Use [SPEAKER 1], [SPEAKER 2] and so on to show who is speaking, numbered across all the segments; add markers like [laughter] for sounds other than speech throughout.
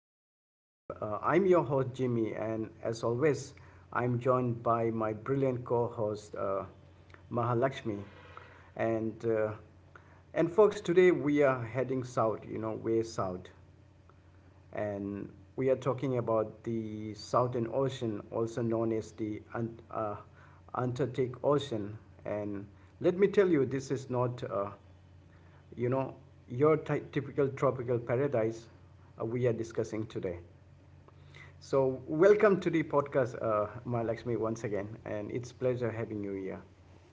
[SPEAKER 1] Awesome Deep. I'm your host, Jimmy, and as always, I'm joined by my brilliant co host, Mahalakshmi. And, uh, and folks, today we are heading south, you know, way south, and we are talking about the Southern Ocean, also known as the uh, Antarctic Ocean. And let me tell you, this is not, you know, your typical tropical paradise we are discussing today. So, welcome to the podcast, Mahalakshmi, once again, and it's pleasure having you here.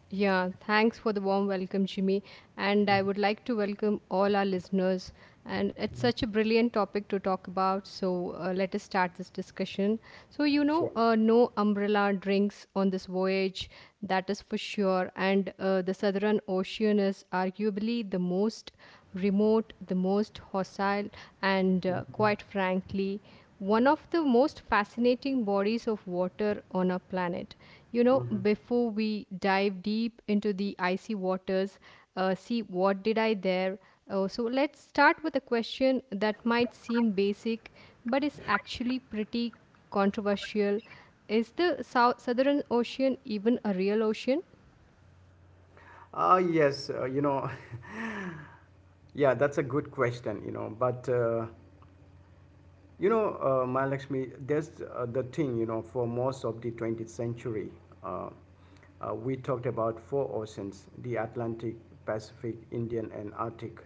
[SPEAKER 2] Yeah, thanks for the warm welcome, Jimmy. And I would like to welcome all our listeners. And it's such a brilliant topic to talk about. So let us start this discussion. So, you
[SPEAKER 1] Sure.
[SPEAKER 2] know, no umbrella drinks on this voyage, that is for sure. And the Southern Ocean is arguably the most remote, the most hostile, and quite frankly, one of the most fascinating bodies of water on our planet. You know, before we dive deep into the icy waters, see what did I there. So let's start with a question that might seem basic, but is actually pretty controversial. Is the Southern Ocean even a real ocean?
[SPEAKER 1] Ah, yes, [laughs] yeah, that's a good question, but. Mahalakshmi, there's the thing, you know, for most of the 20th century, uh, we talked about four oceans: the Atlantic, Pacific, Indian, and Arctic.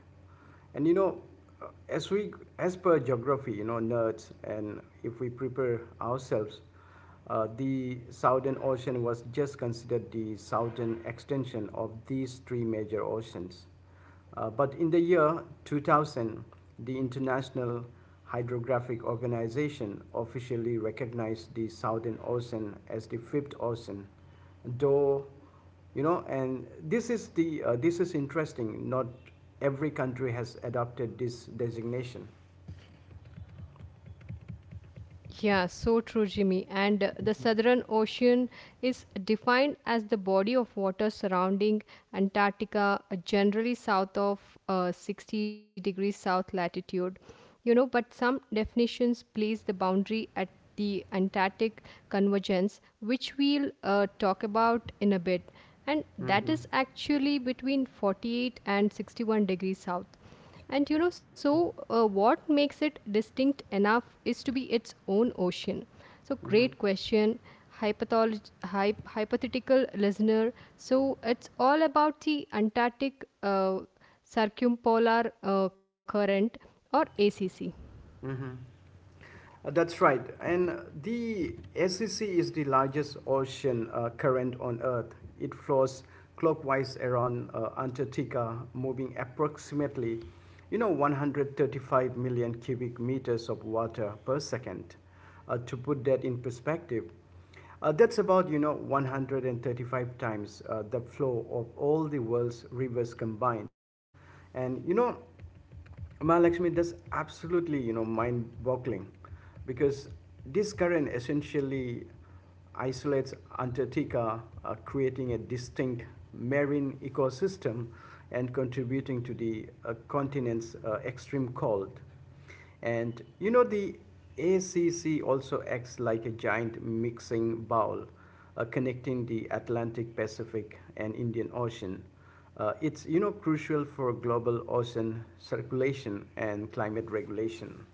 [SPEAKER 1] And uh, as we, as per geography, you know, nerds, and if we prepare ourselves, the Southern Ocean was just considered the southern extension of these three major oceans. But in the year 2000, the International Hydrographic Organization officially recognized the Southern Ocean as the fifth ocean, though, and this is interesting. Not every country has adopted this designation.
[SPEAKER 2] Yeah, so true, Jimmy. And the Southern Ocean is defined as the body of water surrounding Antarctica, generally south of 60 degrees south latitude. You know, but some definitions place the boundary at the Antarctic convergence, which we'll talk about in a bit. And that
[SPEAKER 1] Mm-hmm.
[SPEAKER 2] is actually between 48 and 61 degrees south. And you know, so what makes it distinct enough is to be its own ocean. So,
[SPEAKER 1] Mm-hmm.
[SPEAKER 2] great question, hypothetical listener. So, it's all about the Antarctic Circumpolar Current, or ACC.
[SPEAKER 1] Mm-hmm. That's right. And the SEC is the largest ocean current on Earth. It flows clockwise around Antarctica, moving approximately, 135 million cubic meters of water per second. To put that in perspective, that's about, 135 times the flow of all the world's rivers combined. And, Mahalakshmi, that's absolutely, mind-boggling because this current essentially isolates Antarctica, creating a distinct marine ecosystem and contributing to the continent's extreme cold. And the ACC also acts like a giant mixing bowl, connecting the Atlantic, Pacific, and Indian Ocean. It's crucial for global ocean circulation and climate regulation.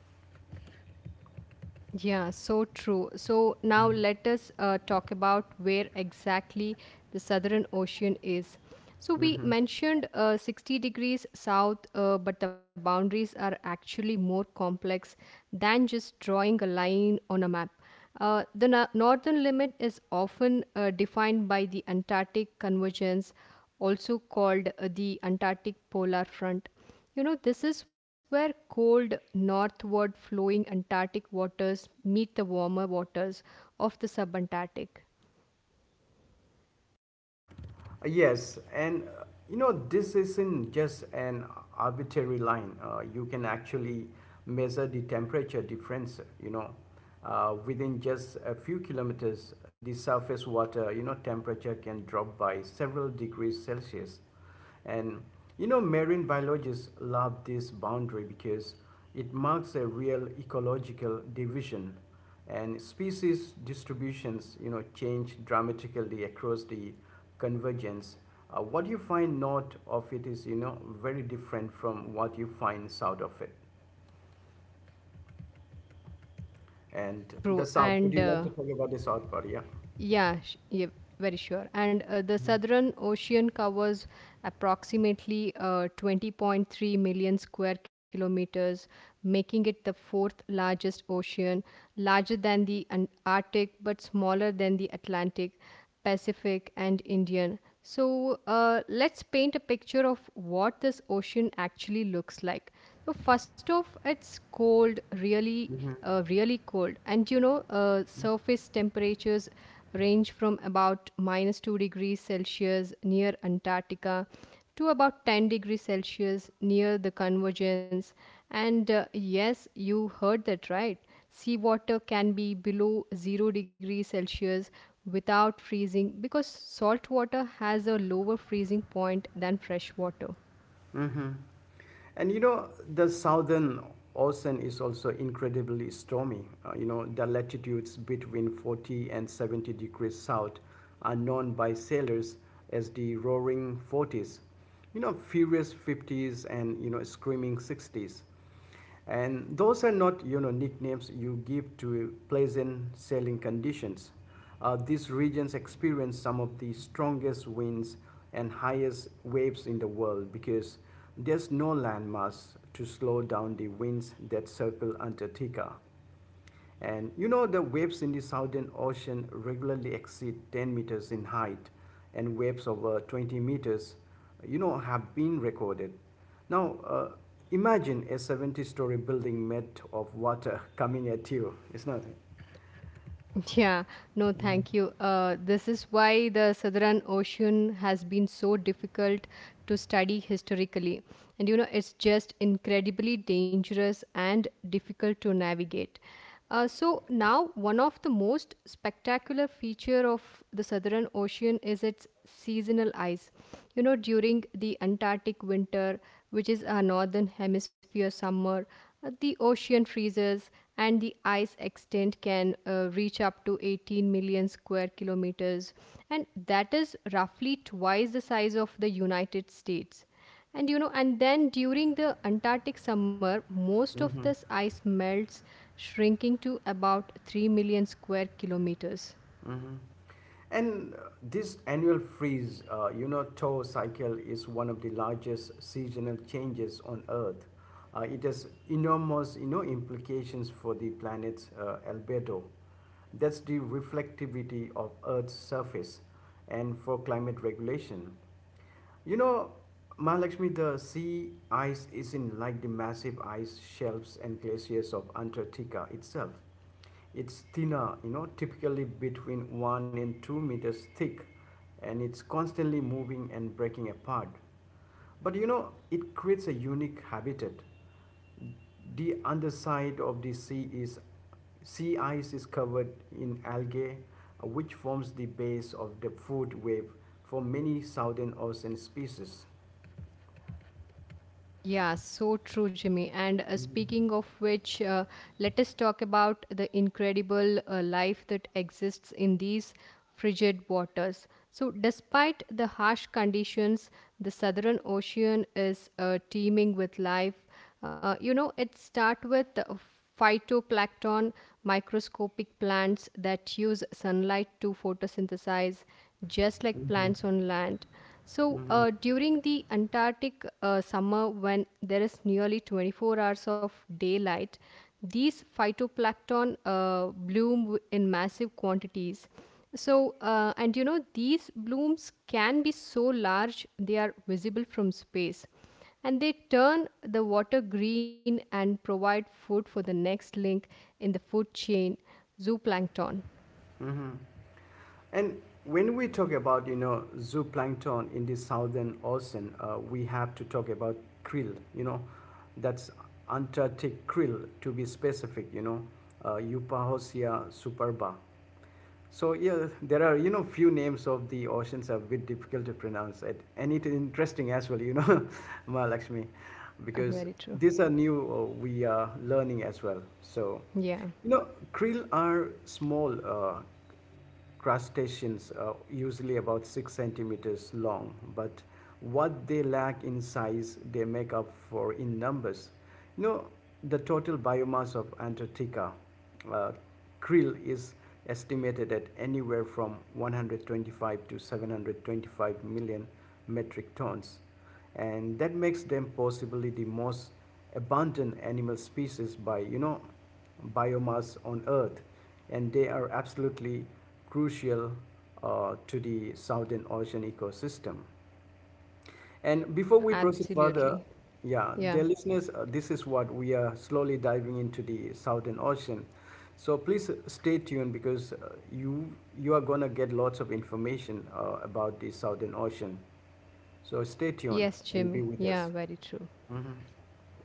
[SPEAKER 2] Yeah, so true. So now let us talk about where exactly the Southern Ocean is. So we
[SPEAKER 1] Mhm.
[SPEAKER 2] mentioned 60 degrees south, but the boundaries are actually more complex than just drawing a line on a map. The northern limit is often defined by the Antarctic convergence, also called the Antarctic polar front. You know, this is where cold, northward flowing Antarctic waters meet the warmer waters of the subantarctic.
[SPEAKER 1] Yes, and this isn't just an arbitrary line. You can actually measure the temperature difference, within just a few kilometers, the surface water, temperature can drop by several degrees Celsius. And marine biologists love this boundary because it marks a real ecological division, and species distributions change dramatically across the convergence. What you find north of it is very different from what you find south of it.
[SPEAKER 2] So
[SPEAKER 1] And the
[SPEAKER 2] true.
[SPEAKER 1] south, would
[SPEAKER 2] And
[SPEAKER 1] you like to
[SPEAKER 2] uh,
[SPEAKER 1] talk about the south part? Yeah.
[SPEAKER 2] Yeah, sh- yeah, very sure. And the Southern Ocean covers approximately 20.3 million square kilometers, making it the fourth largest ocean, larger than the Arctic but smaller than the Atlantic, Pacific, and Indian. So let's paint a picture of what this ocean actually looks like. So first off, it's cold, really, really cold, and you know, surface temperatures range from about minus 2 degrees Celsius near Antarctica to about 10 degrees Celsius near the convergence. And yes, you heard that right. Seawater can be below 0 degrees Celsius without freezing because salt water has a lower freezing point than fresh water.
[SPEAKER 1] Mm-hmm. And the Southern Ocean is also incredibly stormy. The latitudes between 40 and 70 degrees south are known by sailors as the roaring 40s. Furious 50s, and screaming 60s. And those are not, nicknames you give to pleasant sailing conditions. These regions experience some of the strongest winds and highest waves in the world because there's no landmass to slow down the winds that circle Antarctica. And the waves in the Southern Ocean regularly exceed 10 meters in height, and waves over 20 meters, have been recorded. Now, imagine a 70-story building made of water coming at you. It's nothing.
[SPEAKER 2] Yeah, no, thank you. This is why the Southern Ocean has been so difficult to study historically. And you know, it's just incredibly dangerous and difficult to navigate. So now, one of the most spectacular feature of the Southern Ocean is its seasonal ice. You know, during the Antarctic winter, which is our northern hemisphere summer, the ocean freezes and the ice extent can reach up to 18 million square kilometers, and that is roughly twice the size of the United States. And you know, and then during the Antarctic summer, most of
[SPEAKER 1] Mm-hmm.
[SPEAKER 2] this ice melts, shrinking to about 3 million square kilometers.
[SPEAKER 1] Hmm. And this annual freeze, thaw cycle is one of the largest seasonal changes on Earth. It has enormous, implications for the planet's albedo. That's the reflectivity of Earth's surface and for climate regulation. You know, Mahalakshmi, the sea ice is not like the massive ice shelves and glaciers of Antarctica itself. It's thinner, typically between 1 and 2 meters thick, and it's constantly moving and breaking apart. But it creates a unique habitat. The underside of the sea ice is covered in algae, which forms the base of the food web for many Southern Ocean species.
[SPEAKER 2] Yeah, so true, Jimmy. And speaking of which, let us talk about the incredible life that exists in these frigid waters. So, despite the harsh conditions, the Southern Ocean is teeming with life. You know, it starts with phytoplankton, microscopic plants that use sunlight to photosynthesize, just like
[SPEAKER 1] Mm-hmm.
[SPEAKER 2] plants on land. So,
[SPEAKER 1] Mm-hmm.
[SPEAKER 2] during the Antarctic summer, when there is nearly 24 hours of daylight, these phytoplankton bloom in massive quantities. So, and you know, these blooms can be so large they are visible from space, and they turn the water green and provide food for the next link in the food chain, zooplankton.
[SPEAKER 1] Mm-hmm. And when we talk about, zooplankton in the Southern Ocean, we have to talk about krill, that's Antarctic krill to be specific, Eupahosia superba. So yeah, there are, few names of the oceans are a bit difficult to pronounce it. And it's interesting as well, [laughs] Mahalakshmi,
[SPEAKER 2] Yeah,
[SPEAKER 1] because
[SPEAKER 2] very true.
[SPEAKER 1] these are new, we are learning as well. So,
[SPEAKER 2] Yeah,
[SPEAKER 1] krill are small, crustaceans are usually about 6 centimeters long, but what they lack in size, they make up for in numbers. You know, the total biomass of Antarctica uh, krill is estimated at anywhere from 125 to 725 million metric tons, and that makes them possibly the most abundant animal species by biomass on Earth, and they are absolutely crucial to the Southern Ocean ecosystem. And before
[SPEAKER 2] yeah,
[SPEAKER 1] we proceed further,
[SPEAKER 2] absolutely.
[SPEAKER 1] yeah,
[SPEAKER 2] Yeah.
[SPEAKER 1] dear listeners, this is what we are slowly diving into the Southern Ocean. So please stay tuned because you are gonna get lots of information about the Southern Ocean. So stay tuned
[SPEAKER 2] Yes,
[SPEAKER 1] and be
[SPEAKER 2] Jimmy.
[SPEAKER 1] with
[SPEAKER 2] Yeah,
[SPEAKER 1] us.
[SPEAKER 2] very true.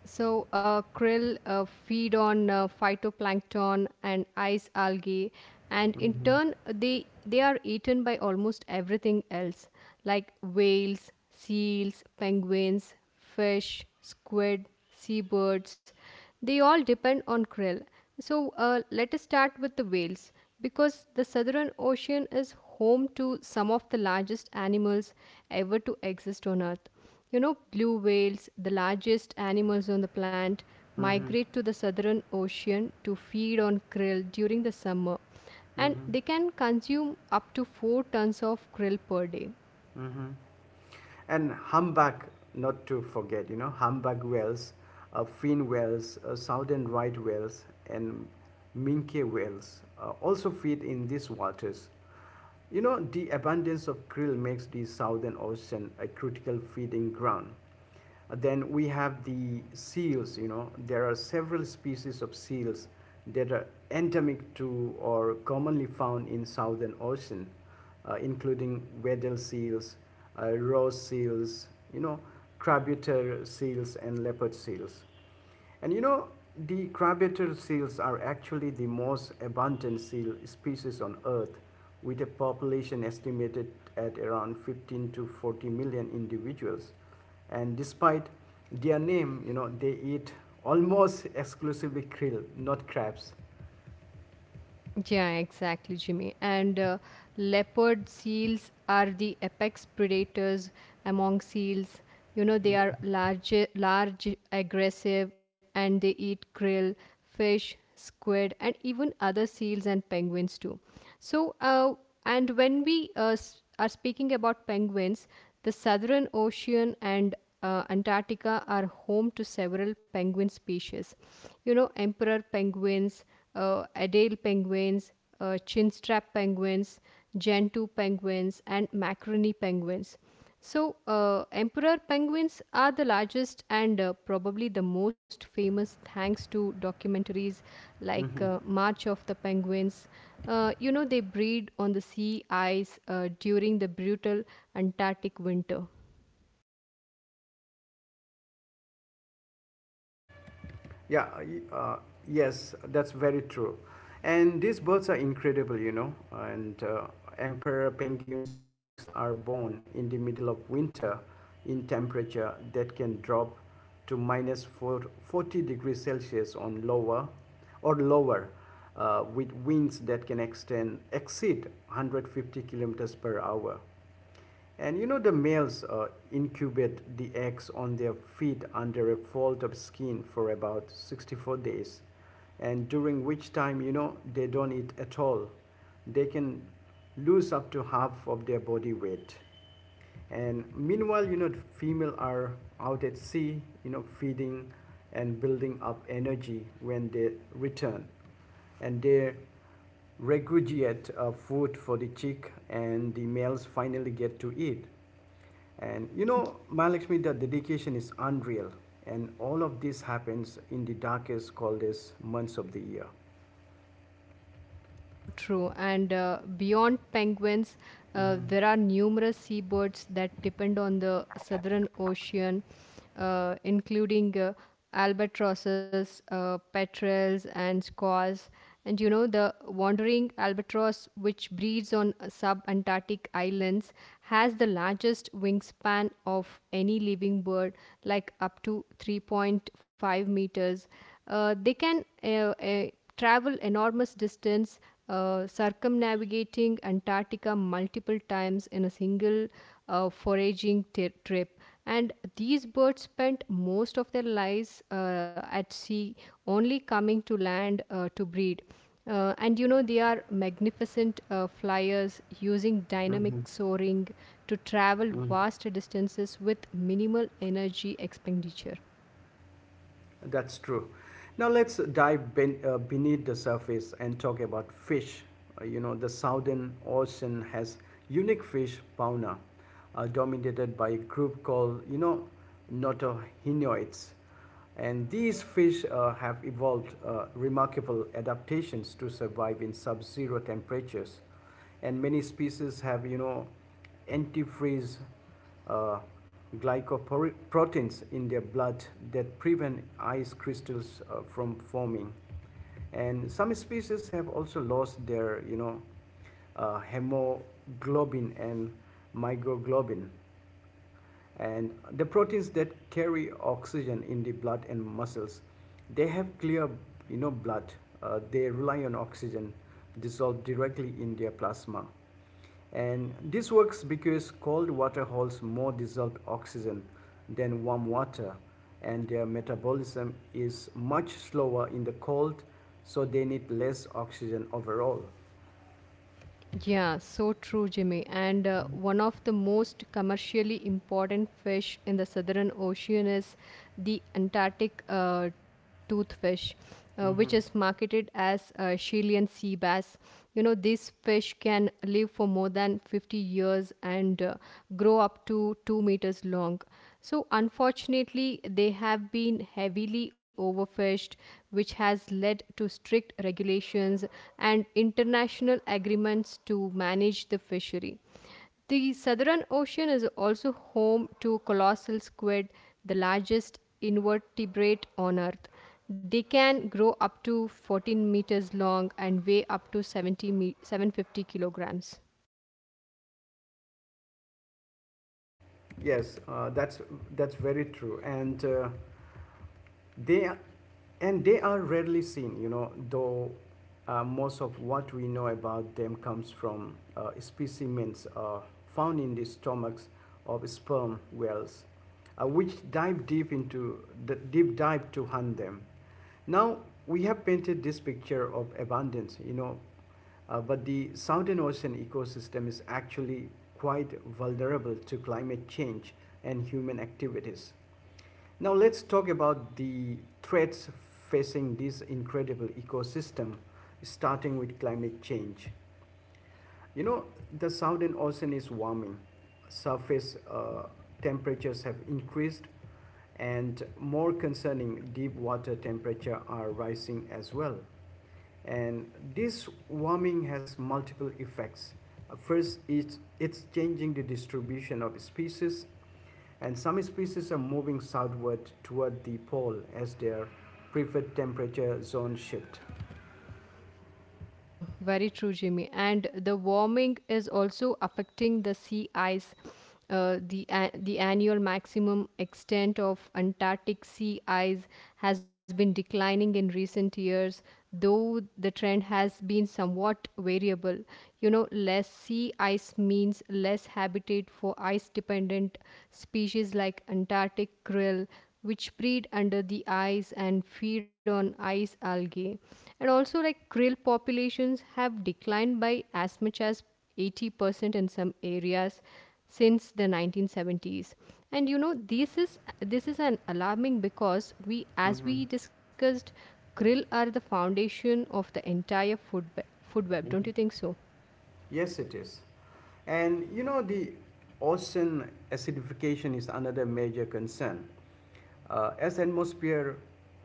[SPEAKER 2] So, krill feed on phytoplankton and ice algae, and in turn, they are eaten by almost everything else, like whales, seals, penguins, fish, squid, seabirds. They all depend on krill. So, let us start with the whales, because the Southern Ocean is home to some of the largest animals ever to exist on Earth. You know, blue whales, the largest animals on the planet,
[SPEAKER 1] Mm-hmm.
[SPEAKER 2] migrate to the southern ocean to feed on krill during the summer, and
[SPEAKER 1] Mm-hmm.
[SPEAKER 2] they can consume up to 4 tons of krill per day.
[SPEAKER 1] Mm-hmm. and humpback, not to forget, humpback whales, fin whales, southern right whales, and minke whales also feed in these waters. The abundance of krill makes the Southern Ocean a critical feeding ground. Then we have the seals. There are several species of seals that are endemic to or commonly found in Southern Ocean, including Weddell seals, Ross seals, you know, Crabutator seals, and leopard seals. And the crabapple seals are actually the most abundant seal species on Earth, with a population estimated at around 15 to 40 million individuals. And despite their name, they eat almost exclusively krill, not crabs.
[SPEAKER 2] Yeah, exactly, Jimmy. And leopard seals are the apex predators among seals. You know, they are large, large, aggressive, and they eat krill, fish, squid, and even other seals and penguins too. So, and when we are speaking about penguins, the Southern Ocean and Antarctica are home to several penguin species. You know, emperor penguins, Adél penguins, chinstrap penguins, gentoo penguins, and macaroni penguins. So, emperor penguins are the largest and probably the most famous, thanks to documentaries like March of the Penguins. You know, they breed on the sea ice during the brutal Antarctic winter.
[SPEAKER 1] Yeah, uh, uh, yes, that's very true. And these birds are incredible. And emperor penguins' chicks are born in the middle of winter in temperature that can drop to minus 440 degrees Celsius on lower or lower, with winds that can extend exceed 150 kilometers per hour. And the males incubate the eggs on their feet under a fold of skin for about 64 days, and during which time, they don't eat at all. They can lose up to half of their body weight. And meanwhile, the female are out at sea, feeding and building up energy when they return. And they regurgitate food for the chick and the males finally get to eat. And Mahalakshmi, the dedication is unreal. And all of this happens in the darkest, coldest months of the year.
[SPEAKER 2] Yeah, so true. And beyond penguins, there are numerous seabirds that depend on the southern ocean, including albatrosses, petrels, and squaws. And you know, the wandering albatross, which breeds on subantarctic islands, has the largest wingspan of any living bird, like up to 3.5 meters. They can uh, travel enormous distance, circumnavigating Antarctica multiple times in a single foraging trip. And these birds spent most of their lives at sea, only coming to land to breed. And you know, they are magnificent flyers, using dynamic soaring to travel
[SPEAKER 1] Mm.
[SPEAKER 2] vast distances with minimal energy expenditure.
[SPEAKER 1] That's true. Now let's beneath the surface and talk about fish. The Southern Ocean has unique fish fauna, dominated by a group called notohinoids, and these fish have evolved remarkable adaptations to survive in sub-zero temperatures, and many species have antifreeze uh, glycoproteins in their blood that prevent ice crystals from forming. And some species have also lost their hemoglobin and myoglobin, and the proteins that carry oxygen in the blood and muscles. They have clear, blood. They rely on oxygen dissolved directly in their plasma. And this works because cold water holds more dissolved oxygen than warm water, and their metabolism is much slower in the cold, so they need less oxygen overall.
[SPEAKER 2] Yeah, so true, Jimmy. And one of the most commercially important fish in the Southern Ocean is the Antarctic toothfish, which is marketed as Chilean sea bass. You know, these fish can live for more than 50 years and grow up to 2 meters long. So, unfortunately, they have been heavily overfished, which has led to strict regulations and international agreements to manage the fishery. The Southern Ocean is also home to colossal squid, the largest invertebrate on Earth. They can grow up to 14 meters long and weigh up to 70 750 kilograms.
[SPEAKER 1] Yes, that's very true. And They are, they are rarely seen, you know, though most of what we know about them comes from specimens found in the stomachs of sperm whales, which dive deep into the deep dive to hunt them. Now we have painted this picture of abundance, but the Southern Ocean ecosystem is actually quite vulnerable to climate change and human activities. Now let's talk about the threats facing this incredible ecosystem, starting with climate change. You know, the Southern Ocean is warming, surface temperatures have increased, and more concerning, deep water temperatures are rising as well. And this warming has multiple effects. First, it's changing the distribution of species, and some species are moving southward toward the pole as their preferred temperature zone shift.
[SPEAKER 2] Yeah, very true, Jimmy. And the warming is also affecting the sea ice. The annual maximum extent of Antarctic sea ice has been declining in recent years, though the trend has been somewhat variable. You know, less sea ice means less habitat for ice-dependent species like Antarctic krill, which breed under the ice and feed on ice algae. And also, like krill populations have declined by as much as 80% in some areas since the 1970s. And you know, this is an alarming, because we, as we
[SPEAKER 1] Mhm.
[SPEAKER 2] discussed, krill are the foundation of the entire food web. Don't you think so?
[SPEAKER 1] Yes, it is. And the ocean acidification is another major concern. Uh, as atmosphere,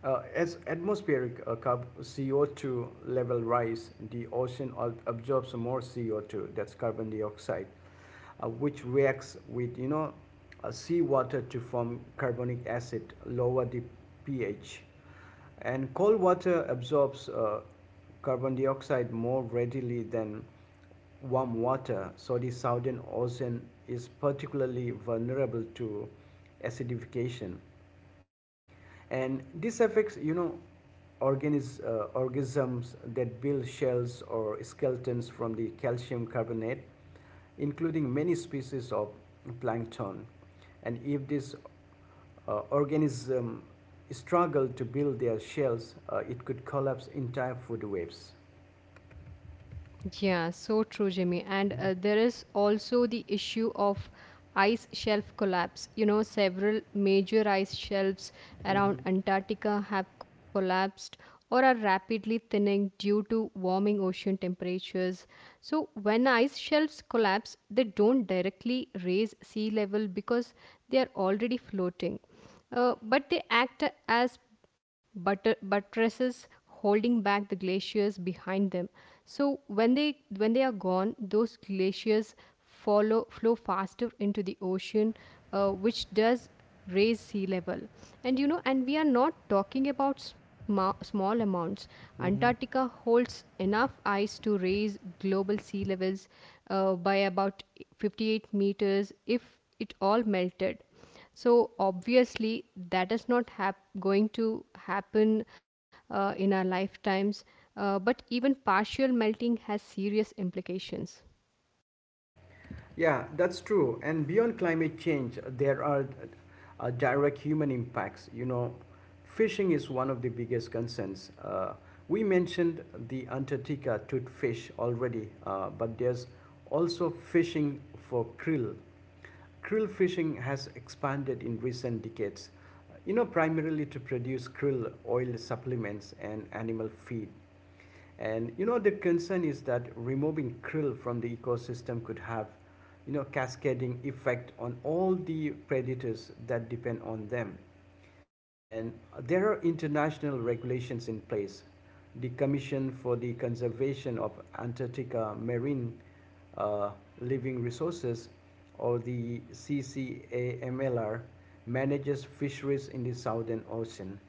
[SPEAKER 1] as atmospheric CO2 level rise, the ocean absorbs more CO2, that's carbon dioxide, which reacts with seawater to form carbonic acid, lower the pH. And cold water absorbs carbon dioxide more readily than warm water, so the Southern Ocean is particularly vulnerable to acidification. And this affects organisms that build shells or skeletons from the calcium carbonate, including many species of plankton. And if this organism struggle to build their shells, it could collapse entire food webs.
[SPEAKER 2] Yeah, so true, Jimmy. And there is also the issue of ice shelf collapse. You know, several major ice shelves around
[SPEAKER 1] Mm-hmm.
[SPEAKER 2] Antarctica have collapsed or are rapidly thinning due to warming ocean temperatures. So, when ice shelves collapse, they don't directly raise sea level because they are already floating, but they act as buttresses holding back the glaciers behind them. So when they are gone, those glaciers follow flow faster into the ocean, which does raise sea level. And you know, and we are not talking about small amounts.
[SPEAKER 1] Mm-hmm.
[SPEAKER 2] Antarctica holds enough ice to raise global sea levels by about 58 meters if it all melted. So obviously, that is not going to happen in our lifetimes. But even partial melting has serious implications.
[SPEAKER 1] Yeah, that's true. And beyond climate change, there are direct human impacts. Fishing is one of the biggest concerns. We mentioned the Antarctica tooth fish already, but there's also fishing for krill. Krill fishing has expanded in recent decades, primarily to produce krill oil supplements and animal feed. And the concern is that removing krill from the ecosystem could have, cascading effect on all the predators that depend on them. And there are international regulations in place. The Commission for the Conservation of Antarctica Marine uh, Living Resources, or the CCAMLR, manages fisheries in the Southern Ocean.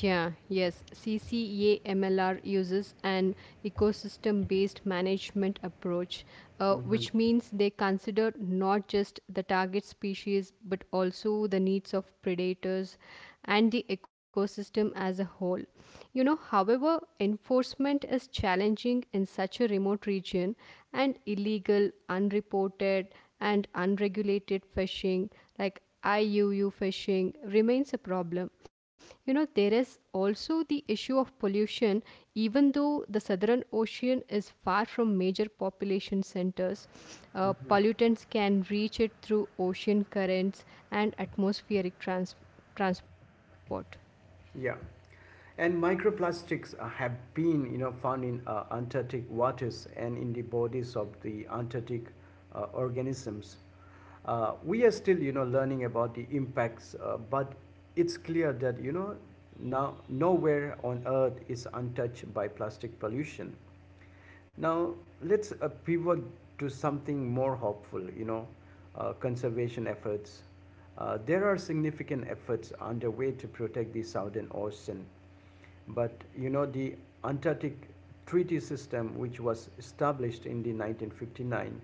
[SPEAKER 2] Yeah, yes. CCAMLR uses an ecosystem based management approach,
[SPEAKER 1] Mm-hmm.
[SPEAKER 2] which means they consider not just the target species but also the needs of predators and the ecosystem as a whole. You know, however, enforcement is challenging in such a remote region, and illegal, unreported, and unregulated fishing, like IUU fishing, remains a problem. You know, there is also the issue of pollution, even though the Southern Ocean is far from major population centers. Pollutants can reach it through ocean currents and atmospheric transport.
[SPEAKER 1] Yeah. And microplastics have been, found in Antarctic waters and in the bodies of the Antarctic organisms. We are still, learning about the impacts, but it's clear that, nowhere on Earth is untouched by plastic pollution. Now let's pivot to something more hopeful, conservation efforts. There are significant efforts underway to protect the Southern Ocean, but the Antarctic Treaty System, which was established in the 1959,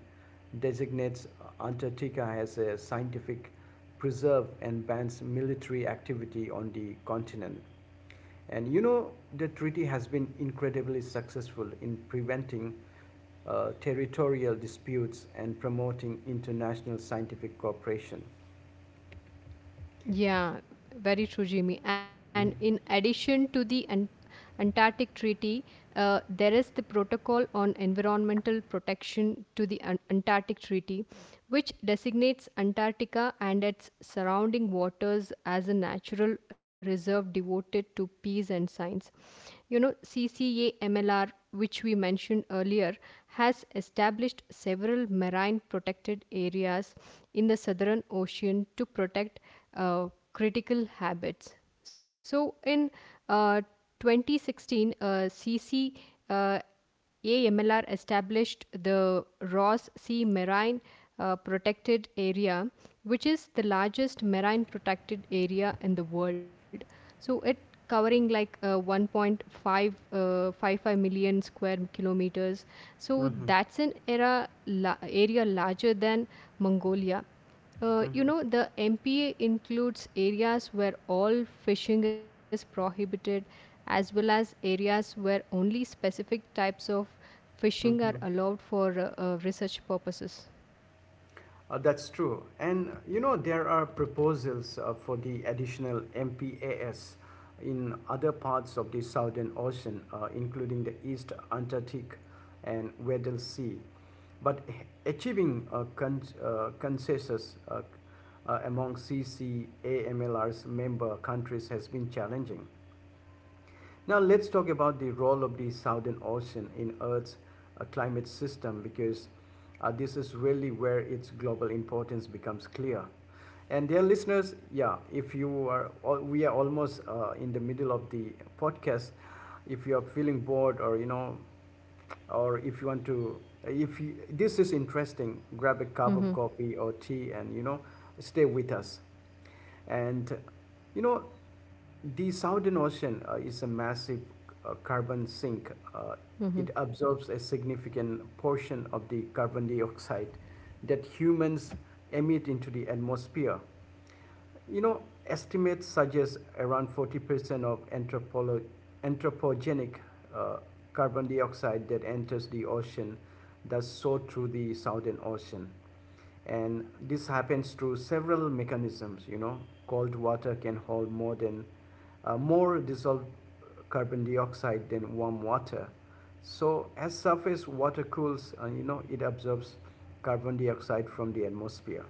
[SPEAKER 1] designates Antarctica as a scientific preserve and bans military activity on the continent. And the treaty has been incredibly successful in preventing territorial disputes and promoting international scientific cooperation.
[SPEAKER 2] Yeah, very true, Jimmy. And in
[SPEAKER 1] Mm-hmm.
[SPEAKER 2] addition to the Antarctic Treaty, there is the Protocol on Environmental Protection to the Antarctic Treaty, which designates Antarctica and its surrounding waters as a natural reserve devoted to peace and science. You know, CCAMLR, which we mentioned earlier, has established several marine protected areas in the Southern Ocean to protect uh, critical habits. So, in uh, 2016, CC uh, AMLR established the Ross Sea Marine Protected Area, which is the largest marine protected area in the world. So it covering like 1.5, 55 million square kilometers. So
[SPEAKER 1] Mm-hmm.
[SPEAKER 2] that's an area larger than Mongolia. The MPA includes areas where all fishing is prohibited, as well as areas where only specific types of fishing are
[SPEAKER 1] Mm-hmm.
[SPEAKER 2] allowed for research purposes.
[SPEAKER 1] That's true. And there are proposals for the additional MPAS in other parts of the Southern Ocean, including the East Antarctic and Weddell Sea. But achieving a consensus among CCAMLR's member countries has been challenging. Now let's talk about the role of the Southern Ocean in Earth's climate system, because this is really where its global importance becomes clear. And dear listeners, yeah, if you are, we are almost in the middle of the podcast. If you are feeling bored, or if you want to, if you, this is interesting, grab a cup of
[SPEAKER 2] Mm-hmm.
[SPEAKER 1] coffee or tea, and stay with us. And you know, the Southern Ocean is a massive carbon sink. It absorbs a significant portion of the carbon dioxide that humans emit into the atmosphere. You know, Estimates suggest around 40% of anthropogenic uh, carbon dioxide that enters the ocean does so through the Southern Ocean. And this happens through several mechanisms, you know. Cold water can hold more dissolved carbon dioxide than warm water. So as surface water cools, it absorbs carbon dioxide from the atmosphere.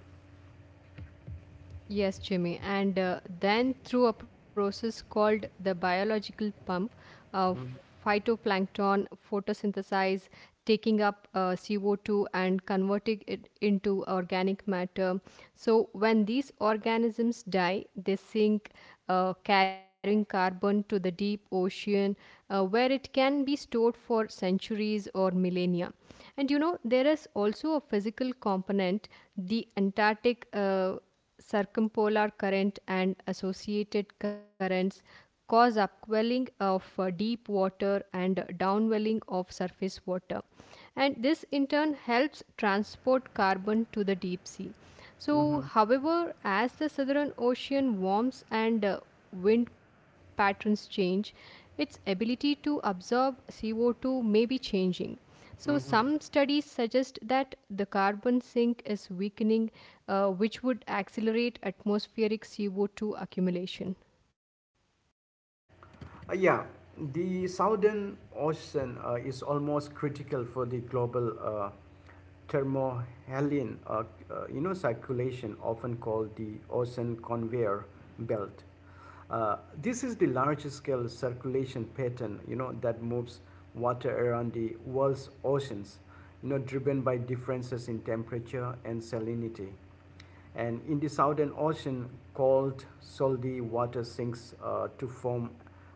[SPEAKER 2] Yes, Jimmy. And then through a process called the biological pump, uh, phytoplankton photosynthesize, taking up CO2 and converting it into organic matter. So, when these organisms die, they sink, carrying carbon to the deep ocean where it can be stored for centuries or millennia. And there is also a physical component, the Antarctic. Circumpolar current and associated currents cause upwelling of deep water and downwelling of surface water, and this in turn helps transport carbon to the deep sea. So
[SPEAKER 1] Mm-hmm.
[SPEAKER 2] however, as the Southern Ocean warms and wind patterns change, its ability to absorb CO2 may be changing. So,
[SPEAKER 1] Mm-hmm.
[SPEAKER 2] some studies suggest that the carbon sink is weakening, which would accelerate atmospheric CO2 accumulation.
[SPEAKER 1] Yeah, the Southern Ocean is almost critical for the global thermohaline, circulation, often called the ocean conveyor belt. Uh, this is the large scale circulation pattern, that moves water around the world's oceans, driven by differences in temperature and salinity. And in the Southern Ocean, cold, salty water sinks to form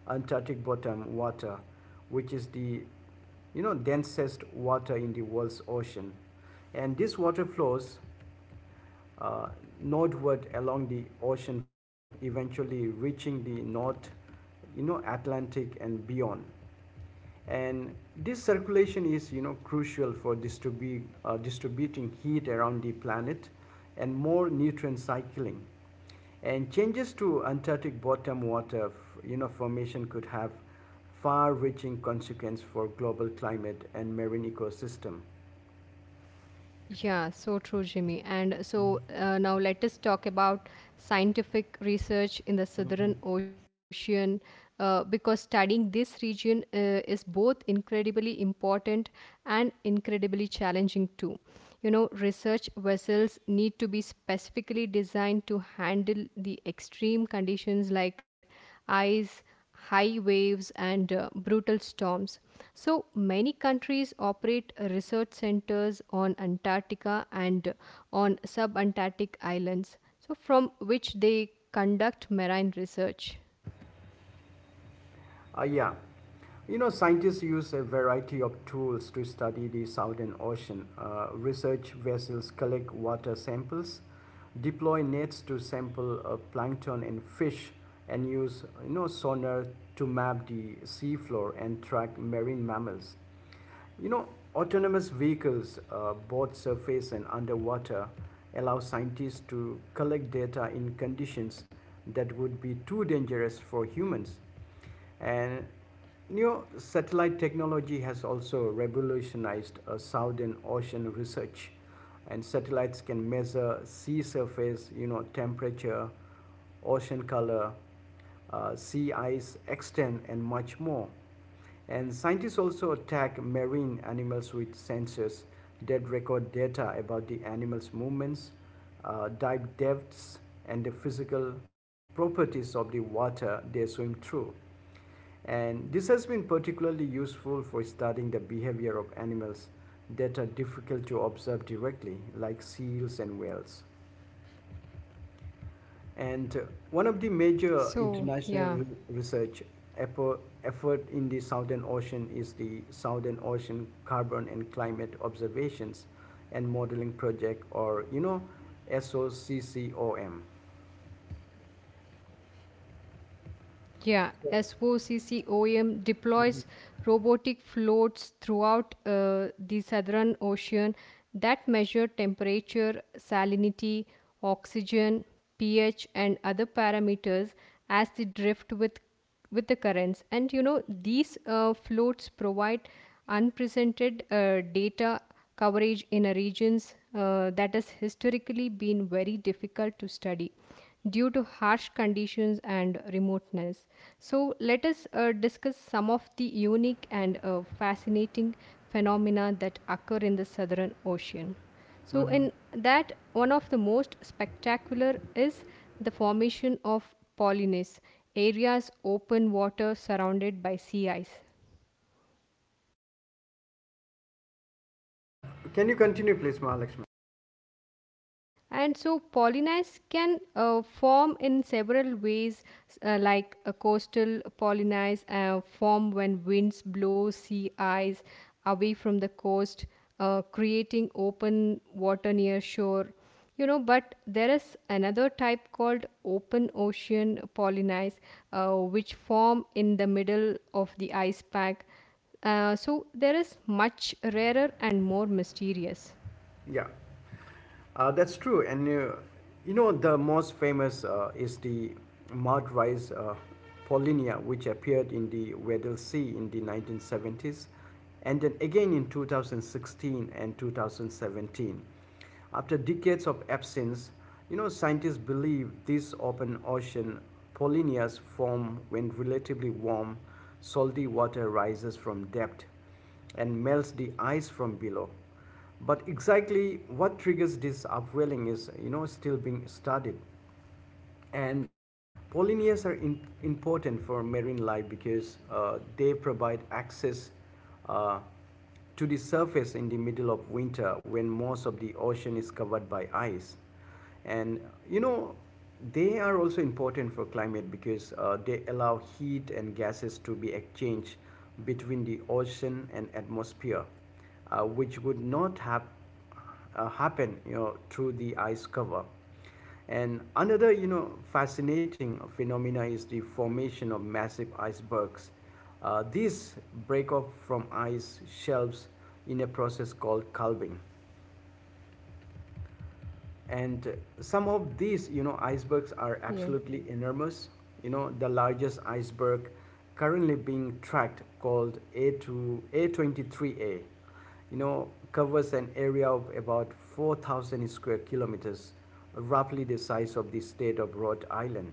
[SPEAKER 1] Antarctic bottom water, which is the densest water in the world's ocean. And this water flows uh, northward along the ocean floor, eventually reaching the North, Atlantic and beyond, and this circulation is crucial for distributing heat around the planet and more nutrient cycling. And changes to Antarctic bottom water formation could have far reaching consequences for global climate and marine ecosystem.
[SPEAKER 2] Yeah, so true, Jimmy. And so now let us talk about scientific research in the Southern Ocean, because studying this region is both incredibly important and incredibly challenging too. You know, research vessels need to be specifically designed to handle the extreme conditions like ice, high waves, and brutal storms. So many countries operate research centers on Antarctica and on subantarctic islands, So from which they conduct marine research.
[SPEAKER 1] Yeah. Scientists use a variety of tools to study the Southern Ocean. Research vessels collect water samples, deploy nets to sample plankton and fish, and use sonar to map the seafloor and track marine mammals. You know, Autonomous vehicles, both surface and underwater, allow scientists to collect data in conditions that would be too dangerous for humans. And satellite technology has also revolutionized southern ocean research. And satellites can measure sea surface, temperature, ocean color, sea ice extent, and much more. And scientists also attack marine animals with sensors that record data about the animal's movements, dive depths, and the physical properties of the water they swim through. And this has been particularly useful for studying the behavior of animals that are difficult to observe directly, like seals and whales. And one of the major
[SPEAKER 2] So,
[SPEAKER 1] international
[SPEAKER 2] yeah.
[SPEAKER 1] research effort in the Southern Ocean is the Southern Ocean Carbon and Climate Observations and Modeling Project, or SOCCOM.
[SPEAKER 2] Yeah, SOCCOM deploys robotic floats throughout the Southern Ocean that measure temperature, salinity, oxygen, pH, and other parameters as they drift with the currents. And you know, these floats provide unprecedented data coverage in a regions that has historically been very difficult to study due to harsh conditions and remoteness. So let us discuss some of the unique and fascinating phenomena that occur in the Southern Ocean. So
[SPEAKER 1] Mhm.
[SPEAKER 2] in that, one of the most spectacular is the formation of Polynes, areas open water surrounded by sea ice.
[SPEAKER 1] Uh, Can you continue, please, Mahalakshmi?
[SPEAKER 2] Ah, yeah. And so pollinize can form in several ways, like a coastal pollinize form when winds blow sea ice away from the coast, creating open water near shore. You know, but there is another type called open ocean pollinize, which form in the middle of the ice pack. So there is much rarer and more mysterious.
[SPEAKER 1] Yeah. That's true, and the most famous is the mud rice Paulinia, which appeared in the Weddell Sea in the 1970s, and then again in 2016 and 2017. After decades of absence, scientists believe these open ocean Paulinias form when relatively warm, salty water rises from depth and melts the ice from below. But exactly what triggers this upwelling is, you know, still being studied. And important for marine life because they provide access uh, to the surface in the middle of winter when most of the ocean is covered by ice. And you know, they are also important for climate because they allow heat and gases to be exchanged between the ocean and atmosphere, which would not have happen through the ice cover. And another, fascinating phenomena is the formation of massive icebergs. These break off from ice shelves in a process called calving, and some of these icebergs are
[SPEAKER 2] Yeah.
[SPEAKER 1] absolutely enormous. The largest iceberg currently being tracked, called a2 a23a, covers an area of about 4,000 square kilometers, roughly the size of the state of Rhode Island.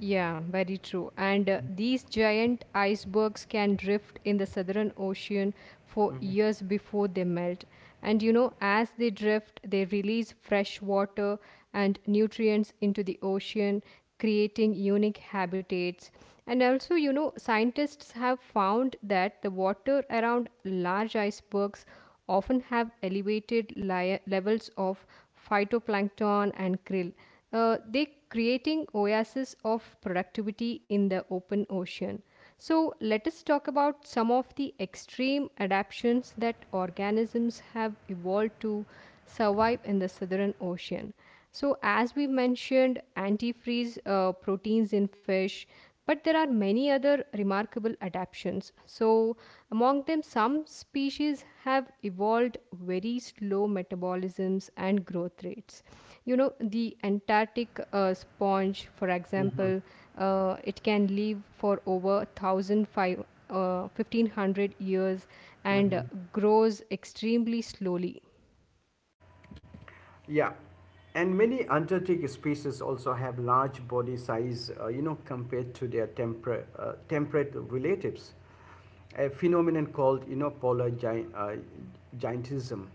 [SPEAKER 2] Yeah, very true. And these giant icebergs can drift in the Southern Ocean for years before they melt. And you know, as they drift, they release fresh water and nutrients into the ocean, creating unique habitats. And also, you know, scientists have found that the water around large icebergs often have elevated levels of phytoplankton and krill, they creating oases of productivity in the open ocean. So let us talk about some of the extreme adaptations that organisms have evolved to survive in the Southern Ocean. So as we mentioned, antifreeze proteins in fish, but there are many other remarkable adaptations. So, among them, some species have evolved very slow metabolisms and growth rates. You know, the Antarctic sponge, for example, it can live for over 1,500 1,500 years, and grows extremely slowly.
[SPEAKER 1] Yeah, and many Antarctic species also have large body size, compared to their temperate relatives. A phenomenon called, giantism.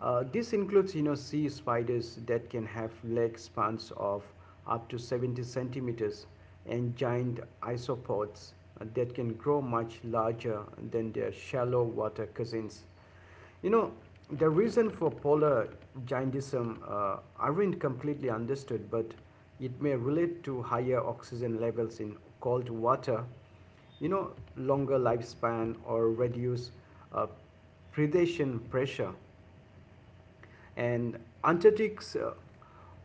[SPEAKER 1] This includes, sea spiders that can have leg spans of up to 70 centimeters, and giant isopods that can grow much larger than their shallow water cousins. You know, the reason for polar jaundism aren't completely understood, but it may relate to higher oxygen levels in cold water, you know, longer lifespan or reduced uh, predation pressure. And Antarctic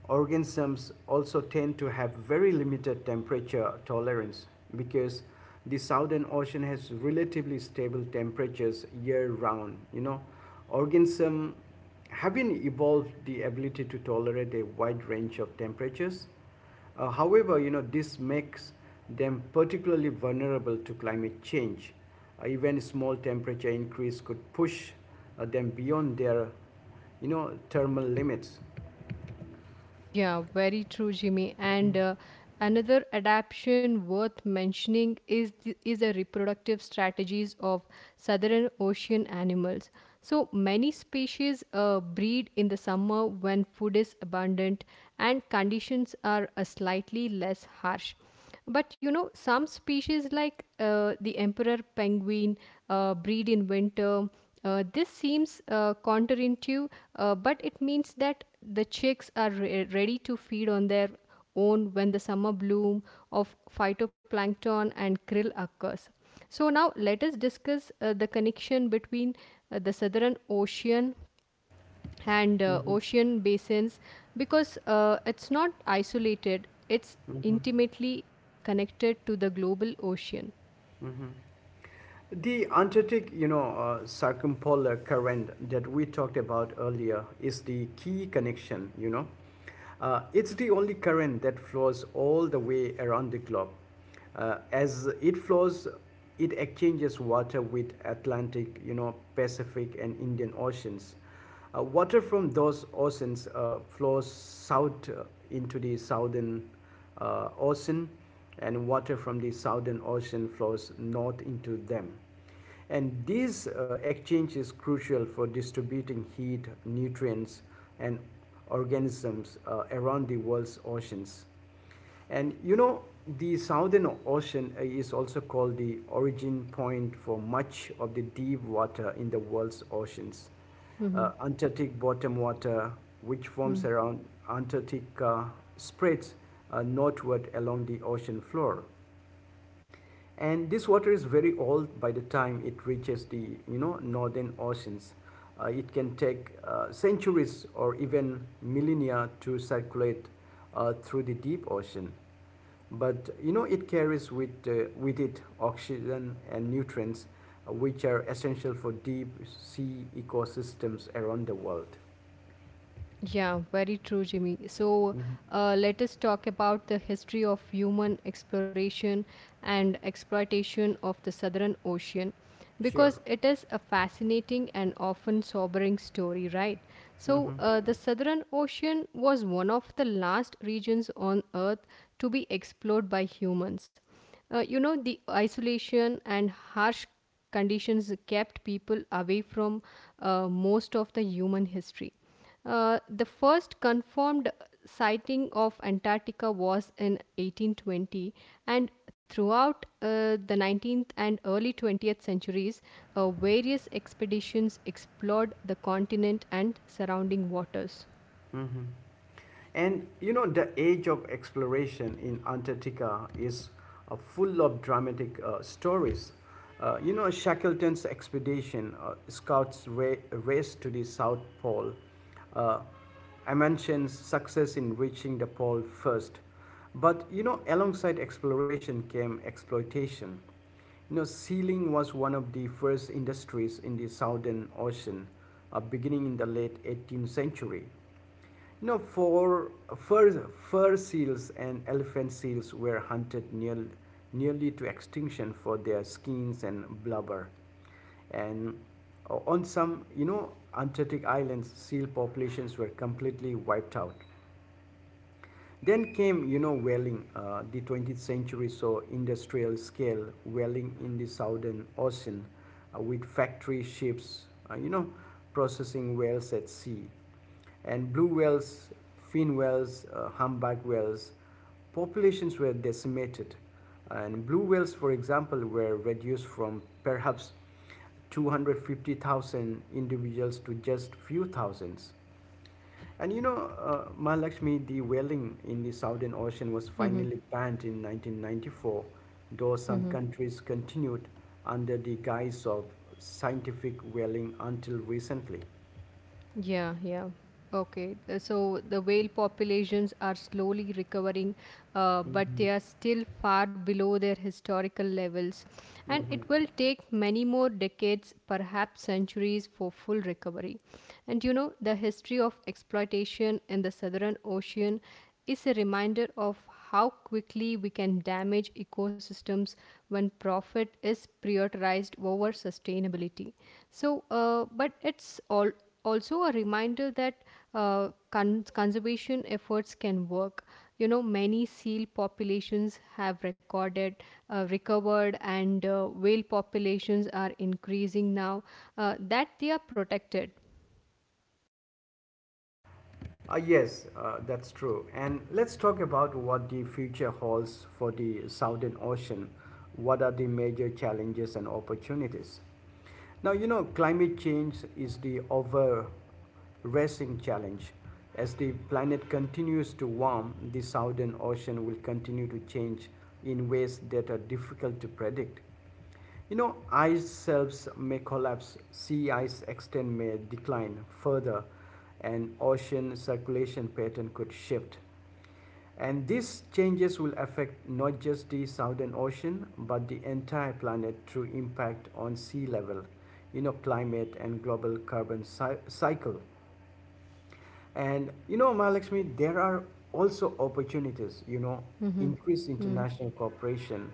[SPEAKER 1] organisms also tend to have very limited temperature tolerance, because the southern ocean has relatively stable temperatures year round. Organisms haven't evolved the ability to tolerate a wide range of temperatures. However, this makes them particularly vulnerable to climate change. Even small temperature increase could push them beyond their, thermal limits.
[SPEAKER 2] Yeah, very true, Jimmy. And another adaptation worth mentioning is the reproductive strategies of Southern Ocean animals. So many species breed in the summer when food is abundant and conditions are slightly less harsh. But you know, some species like the emperor penguin breed in winter. This seems counterintuitive, but it means that the chicks are ready to feed on their own when the summer bloom of phytoplankton and krill occurs. So, now let us discuss the connection between the Southern Ocean and ocean basins, because it's not isolated, it's intimately connected to the global ocean.
[SPEAKER 1] Mhm. The Antarctic, circumpolar current that we talked about earlier is the key connection, you know. It's the only current that flows all the way around the globe. As it flows, it exchanges water with Atlantic, Pacific and Indian Oceans. Water from those oceans flows south into the southern ocean, and water from the southern ocean flows north into them. And this exchange is crucial for distributing heat, nutrients, and organisms around the world's oceans. And the Southern Ocean is also called the origin point for much of the deep water in the world's oceans. Antarctic bottom water, which forms around Antarctica, spreads northward along the ocean floor, and this water is very old by the time it reaches the northern oceans. It can take centuries or even millennia to circulate through the deep ocean, but it carries with it oxygen and nutrients, which are essential for deep sea ecosystems around the world.
[SPEAKER 2] Yeah, very true, Jimmy. So
[SPEAKER 1] Mhm.
[SPEAKER 2] let us talk about the history of human exploration and exploitation of the Southern Ocean, because
[SPEAKER 1] Sure.
[SPEAKER 2] it is a fascinating and often sobering story, right? So the
[SPEAKER 1] Hmm.
[SPEAKER 2] Southern Ocean was one of the last regions on Earth to be explored by humans. The isolation and harsh conditions kept people away from most of the human history. The first confirmed sighting of Antarctica was in 1820, and throughout the 19th and early 20th centuries, various expeditions explored the continent and surrounding waters.
[SPEAKER 1] And the age of exploration in Antarctica is full of dramatic stories. Shackleton's expedition, Scott's race to the South Pole, uh, Amundsen's success in reaching the pole first. But alongside exploration came exploitation. Sealing was one of the first industries in the Southern Ocean, beginning in the late 18th century. For fur, fur seals and elephant seals were hunted nearly to extinction for their skins and blubber. And on some, Antarctic islands, seal populations were completely wiped out. Then came, whaling, the 20th century saw industrial scale whaling in the Southern Ocean with factory ships, processing whales at sea. And blue whales, fin whales, humpback whales, populations were decimated. And blue whales, for example, were reduced from perhaps 250,000 individuals to just few thousands. And Mahalakshmi, the whaling in the Southern Ocean was finally banned in 1994, though some countries continued under the guise of scientific whaling until recently.
[SPEAKER 2] Yeah, yeah. Okay. So the whale populations are slowly recovering, but they
[SPEAKER 1] Mhm,
[SPEAKER 2] are still far below their historical levels. And it
[SPEAKER 1] mhm.
[SPEAKER 2] will take many more decades, perhaps centuries, for full recovery. And you know, the history of exploitation in the Southern Ocean is a reminder of how quickly we can damage ecosystems when profit is prioritized over sustainability. So, but it's all also a reminder that conservation efforts can work. You know, many seal populations have recovered, and whale populations are increasing now that they are protected.
[SPEAKER 1] Yes, that's true. And let's talk about what the future holds for the Southern Ocean. What are the major challenges and opportunities? Now, you know, climate change is the overracing challenge. As the planet continues to warm, the Southern Ocean will continue to change in ways that are difficult to predict. You know, ice shelves may collapse, sea ice extent may decline further, and ocean circulation pattern could shift. And these changes will affect not just the Southern Ocean but the entire planet through impact on sea level, you know, climate and global carbon cycle. And you know, Mahalakshmi, there are also opportunities, you know,
[SPEAKER 2] Mm-hmm.
[SPEAKER 1] increased
[SPEAKER 2] Mm-hmm.
[SPEAKER 1] international cooperation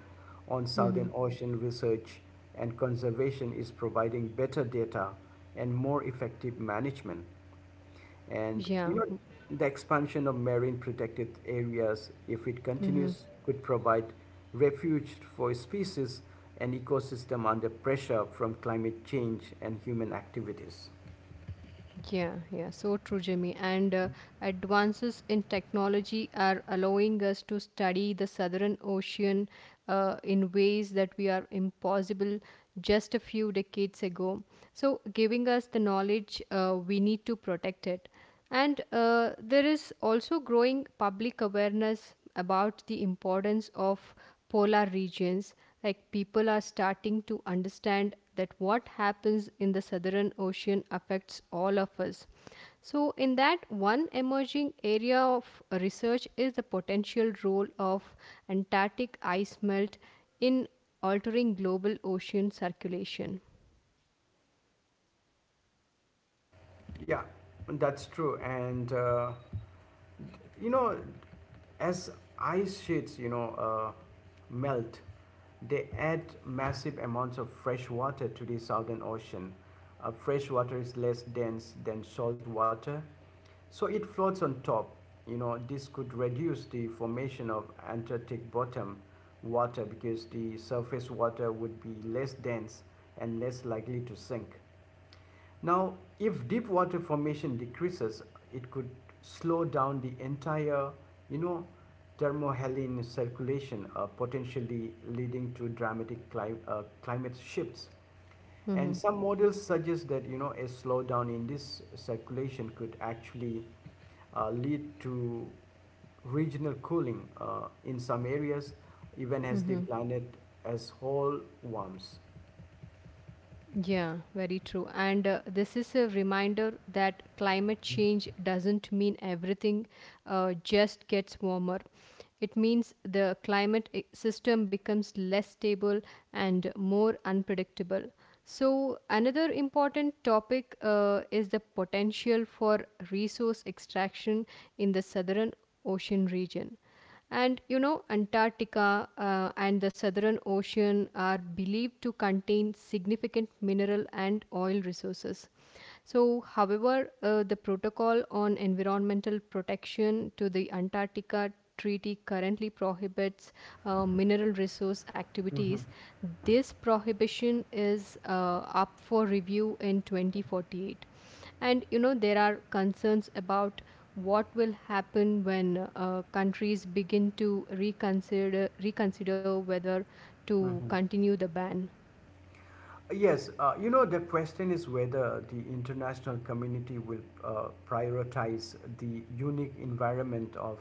[SPEAKER 1] on
[SPEAKER 2] Mm-hmm.
[SPEAKER 1] Southern Ocean research and conservation is providing better data and more effective management. And
[SPEAKER 2] Yeah.
[SPEAKER 1] you know, the expansion of marine protected areas, if it
[SPEAKER 2] Mm-hmm.
[SPEAKER 1] continues, could provide refuge for species and ecosystem under pressure from climate change and human activities.
[SPEAKER 2] Yeah, yeah, so true, Jimmy. And advances in technology are allowing us to study the Southern Ocean in ways that we are impossible just a few decades ago. So, giving us the knowledge, we need to protect it. And there is also growing public awareness about the importance of polar regions. Like, people are starting to understand that what happens in the Southern Ocean affects all of us. So, in that, one emerging area of research is the potential role of Antarctic ice melt in altering global ocean circulation.
[SPEAKER 1] Yeah, that's true. You know, as ice sheets, you know, melt, they add massive amounts of fresh water to the Southern Ocean. Fresh water is less dense than salt water, so it floats on top. You know, this could reduce the formation of Antarctic bottom water because the surface water would be less dense and less likely to sink. Now, if deep water formation decreases, it could slow down the entire, you know, thermohaline circulation, potentially leading to dramatic climate shifts. And some models suggest that you know a slowdown in this circulation could actually lead to regional cooling in some areas, even as the planet as whole warms.
[SPEAKER 2] Yeah, very true. And this is a reminder that climate change doesn't mean everything just gets warmer. It means the climate system becomes less stable and more unpredictable. So, another important topic is the potential for resource extraction in the Southern Ocean region. And you know, Antarctica and the Southern Ocean are believed to contain significant mineral and oil resources. So, however, the protocol on environmental protection to the Antarctica Treaty currently prohibits mineral resource activities. This prohibition is up for review in 2048. And you know, there are concerns about what will happen when countries begin to reconsider whether to
[SPEAKER 1] Mhm.
[SPEAKER 2] continue the ban.
[SPEAKER 1] Yes, you know, the question is whether the international community will prioritize the unique environment of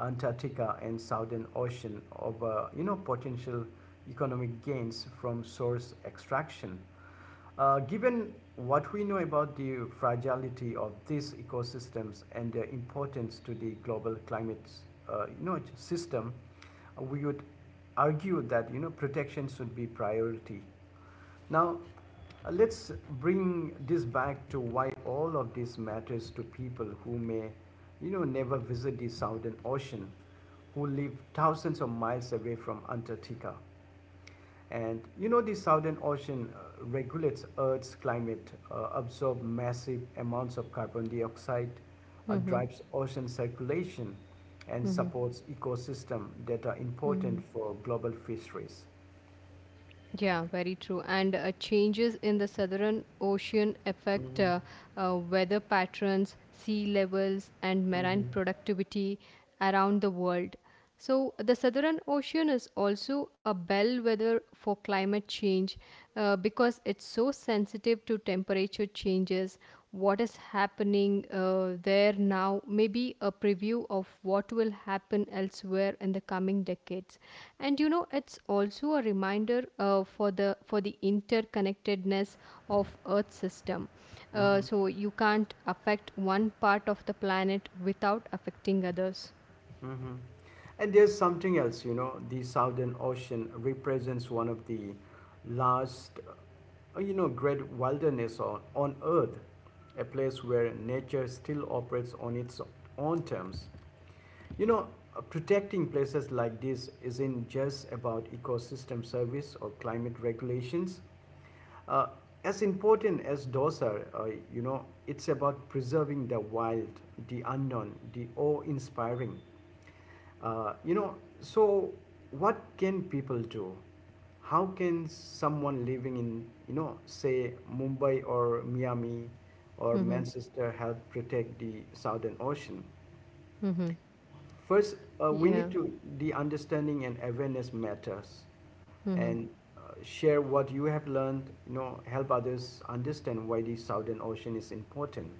[SPEAKER 1] Antarctica and Southern Ocean over, you know, potential economic gains from source extraction. Given what we know about the fragility of these ecosystems and their importance to the global climate, you know, system, we would argue that you know protection should be priority. Now, let's bring this back to why all of this matters to people who may, you know, never visit the Southern Ocean, who live thousands of miles away from Antarctica. And you know, the Southern Ocean regulates Earth's climate, absorbs massive amounts of carbon dioxide, drives ocean circulation, and supports ecosystems that are important
[SPEAKER 2] Mhm.
[SPEAKER 1] for global fisheries.
[SPEAKER 2] Yeah, very true. And changes in the Southern Ocean affect
[SPEAKER 1] Mm-hmm.
[SPEAKER 2] weather patterns, sea levels, and marine
[SPEAKER 1] Mm-hmm.
[SPEAKER 2] productivity around the world. So, the Southern Ocean is also a bellwether for climate change because it's so sensitive to temperature changes. What is happening there now, maybe a preview of what will happen elsewhere in the coming decades. And you know, it's also a reminder for the interconnectedness of Earth system. So you can't affect one part of the planet without affecting others.
[SPEAKER 1] Hmm. And there's something else, you know, the Southern Ocean represents one of the last, you know, great wilderness on Earth, a place where nature still operates on its own terms. You know, protecting places like this isn't just about ecosystem service or climate regulations. Uh, as important as those are, you know, it's about preserving the wild, the unknown, the awe-inspiring. Uh, you know, so what can people do? How can someone living in, you know, say Mumbai or Miami or
[SPEAKER 2] Mm-hmm.
[SPEAKER 1] Manchester help protect the Southern Ocean?
[SPEAKER 2] Mm-hmm.
[SPEAKER 1] First, we need
[SPEAKER 2] Yeah.
[SPEAKER 1] to the understanding and awareness matters, and share what you have learned. You know, help others understand why the Southern Ocean is important.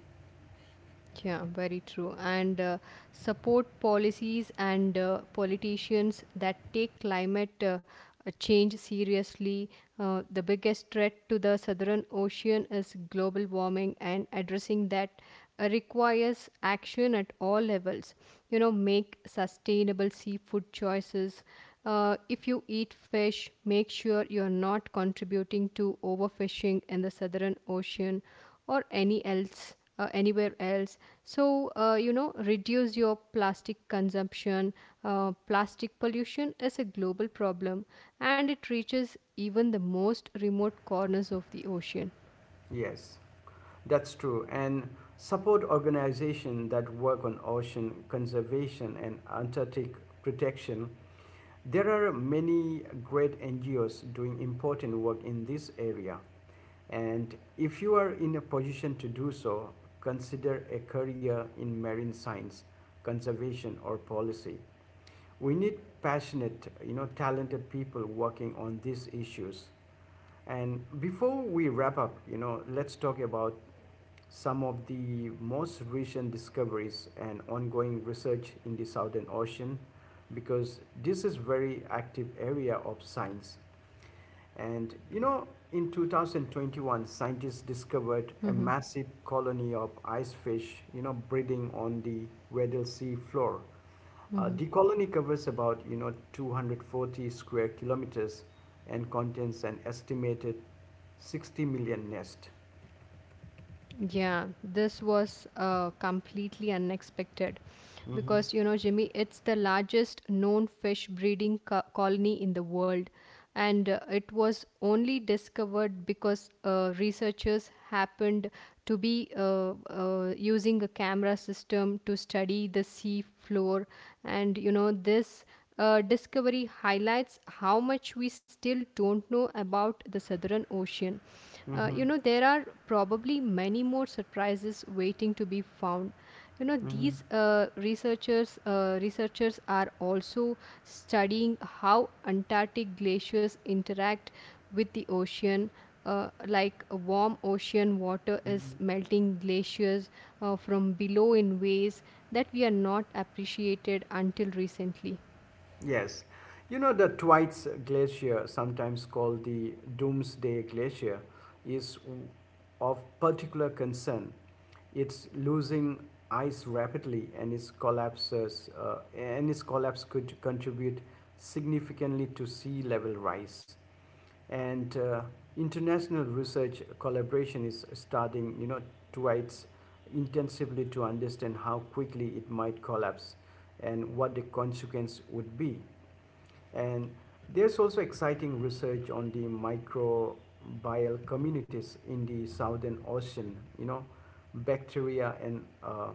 [SPEAKER 2] Yeah, very true. And support policies and politicians that take climate change seriously. The biggest threat to the Southern Ocean is global warming, and addressing that requires action at all levels. You know, make sustainable seafood choices. If you eat fish, make sure you're not contributing to overfishing in the Southern Ocean or any else anywhere else. So reduce your plastic consumption. Plastic pollution is a global problem, and it reaches even the most remote corners of the ocean.
[SPEAKER 1] Yes, that's true. And support organizations that work on ocean conservation and Antarctic protection. There are many great NGOs doing important work in this area. And if you are in a position to do so, consider a career in marine science, conservation, or policy. We need passionate, you know, talented people working on these issues. And before we wrap up, you know, let's talk about some of the most recent discoveries and ongoing research in the Southern Ocean because this is very active area of science and you know, in 2021, scientists discovered a massive colony of ice fish, you know, breeding on the Weddell Sea floor.
[SPEAKER 2] Mhm.
[SPEAKER 1] The colony covers about, you know, 240 square kilometers and contains an estimated 60 million nest.
[SPEAKER 2] Yeah, this was completely unexpected
[SPEAKER 1] Mm-hmm,
[SPEAKER 2] because you know, Jimmy, it's the largest known fish breeding colony in the world, and it was only discovered because researchers happened to be using a camera system to study the sea floor. And you know, this discovery highlights how much we still don't know about the Southern Ocean.
[SPEAKER 1] mm-hmm,
[SPEAKER 2] You know, there are probably many more surprises waiting to be found. You know,
[SPEAKER 1] mm-hmm,
[SPEAKER 2] these researchers are also studying how Antarctic glaciers interact with the ocean. Like, warm ocean water is
[SPEAKER 1] mm-hmm.
[SPEAKER 2] melting glaciers from below in ways that we are not appreciated until recently.
[SPEAKER 1] Yes. You know, the Thwaites Glacier, sometimes called the Doomsday Glacier, is of particular concern. It's losing ice rapidly, and its collapse could contribute significantly to sea level rise. And international research collaboration is starting, you know, towards intensively to understand how quickly it might collapse and what the consequence would be. And there's also exciting research on the microbial communities in the Southern Ocean. You know, bacteria and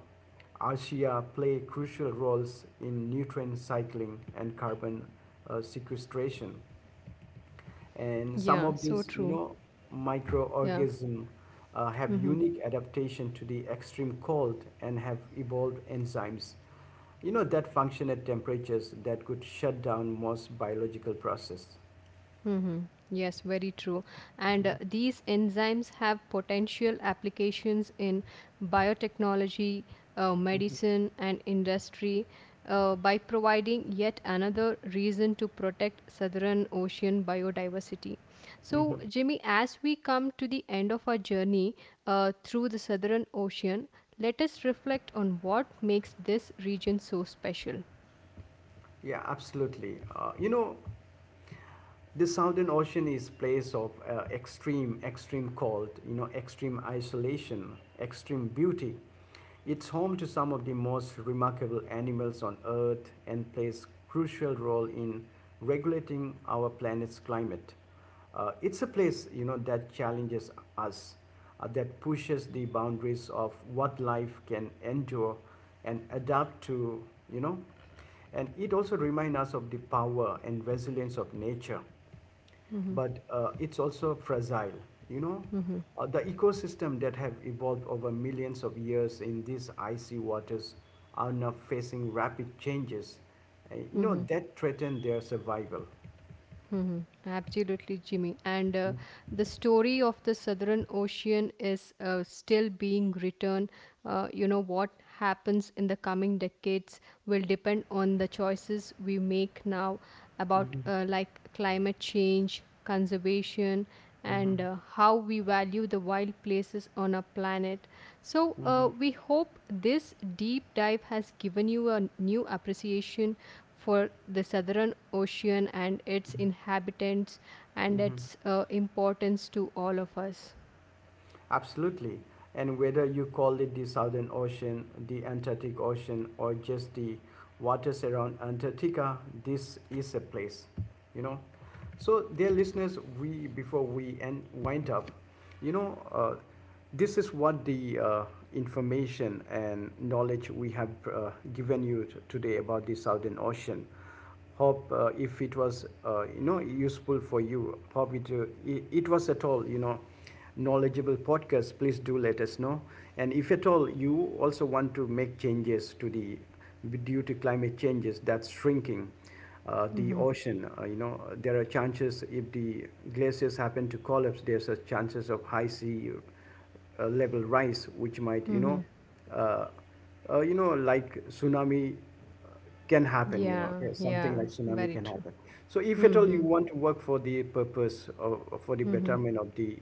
[SPEAKER 1] archaea play crucial roles in nutrient cycling and carbon sequestration.
[SPEAKER 2] Yeah,
[SPEAKER 1] And some
[SPEAKER 2] so
[SPEAKER 1] of
[SPEAKER 2] true.
[SPEAKER 1] these, you know,
[SPEAKER 2] Yeah.
[SPEAKER 1] microorganisms have
[SPEAKER 2] Mm-hmm.
[SPEAKER 1] unique adaptation to the extreme cold and have evolved enzymes, you know, that function at temperatures that could shut down most biological processes.
[SPEAKER 2] Mm-hmm. Yes, very true. And these enzymes have potential applications in biotechnology, medicine, and industry, by providing yet another reason to protect Southern Ocean biodiversity. So,
[SPEAKER 1] Mhm.
[SPEAKER 2] Jimmy, as we come to the end of our journey through the Southern Ocean, let us reflect on what makes this region so special.
[SPEAKER 1] Yeah, absolutely. You know, the Southern Ocean is place of extreme, extreme cold, you know, extreme isolation, extreme beauty. It's home to some of the most remarkable animals on Earth and plays crucial role in regulating our planet's climate. It's a place, you know, that challenges us, that pushes the boundaries of what life can endure and adapt to, you know. And it also reminds us of the power and resilience of nature.
[SPEAKER 2] Mm-hmm.
[SPEAKER 1] But it's also fragile, you know.
[SPEAKER 2] Mm-hmm.
[SPEAKER 1] The ecosystem that have evolved over millions of years in these icy waters are now facing rapid changes, you know,
[SPEAKER 2] Mm-hmm.
[SPEAKER 1] that threaten their survival.
[SPEAKER 2] Hmm. Absolutely, Jimmy. And
[SPEAKER 1] Mhm,
[SPEAKER 2] the story of the Southern Ocean is still being written. You know, what happens in the coming decades will depend on the choices we make now about
[SPEAKER 1] mhm,
[SPEAKER 2] like climate change, conservation, and
[SPEAKER 1] mhm,
[SPEAKER 2] how we value the wild places on our planet. So,
[SPEAKER 1] mhm,
[SPEAKER 2] we hope this deep dive has given you a new appreciation for the Southern Ocean and its
[SPEAKER 1] mhm.
[SPEAKER 2] inhabitants and
[SPEAKER 1] mhm.
[SPEAKER 2] its importance to all of us.
[SPEAKER 1] Absolutely. And whether you call it the Southern Ocean, the Antarctic Ocean, or just the waters around Antarctica, this is a place, you know. So, dear listeners, we before we end, wind up, you know, this is what the information and knowledge we have given you t- today about the Southern Ocean hope if it was you know useful for you hope it, it it was at all you know knowledgeable podcast please do let us know and if at all you also want to make changes to the due to climate changes that's shrinking the
[SPEAKER 2] Hmm.
[SPEAKER 1] ocean you know there are chances if the glaciers happen to collapse there's a chances of high sea level rise which might uh, you know like tsunami can happen you know
[SPEAKER 2] Yeah,
[SPEAKER 1] okay, something
[SPEAKER 2] yeah,
[SPEAKER 1] like tsunami
[SPEAKER 2] very
[SPEAKER 1] can
[SPEAKER 2] true.
[SPEAKER 1] happen so if at all you
[SPEAKER 2] Mm-hmm.
[SPEAKER 1] want to work for the purpose or for the
[SPEAKER 2] Mm-hmm.
[SPEAKER 1] betterment of the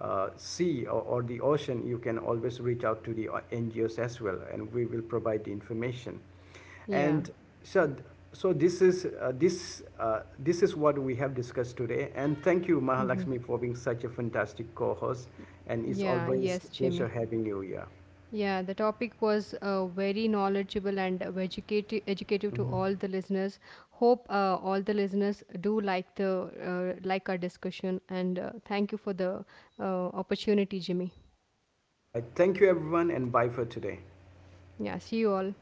[SPEAKER 1] sea or the ocean you can always reach out to the ngos as well and we will provide the information
[SPEAKER 2] Yeah,
[SPEAKER 1] and so so this is this this is what we have discussed today and thank you mahalakshmi for being such a fantastic co-host and it's
[SPEAKER 2] yeah,
[SPEAKER 1] always
[SPEAKER 2] yes,
[SPEAKER 1] a pleasure
[SPEAKER 2] Jimmy.
[SPEAKER 1] having you here
[SPEAKER 2] Yeah, the topic was very educative to
[SPEAKER 1] Mhm.
[SPEAKER 2] all the listeners. Hope all the listeners do like the like our discussion, and thank you for the opportunity, Jimmy.
[SPEAKER 1] all right thank you everyone and bye for today
[SPEAKER 2] Yeah, see you all.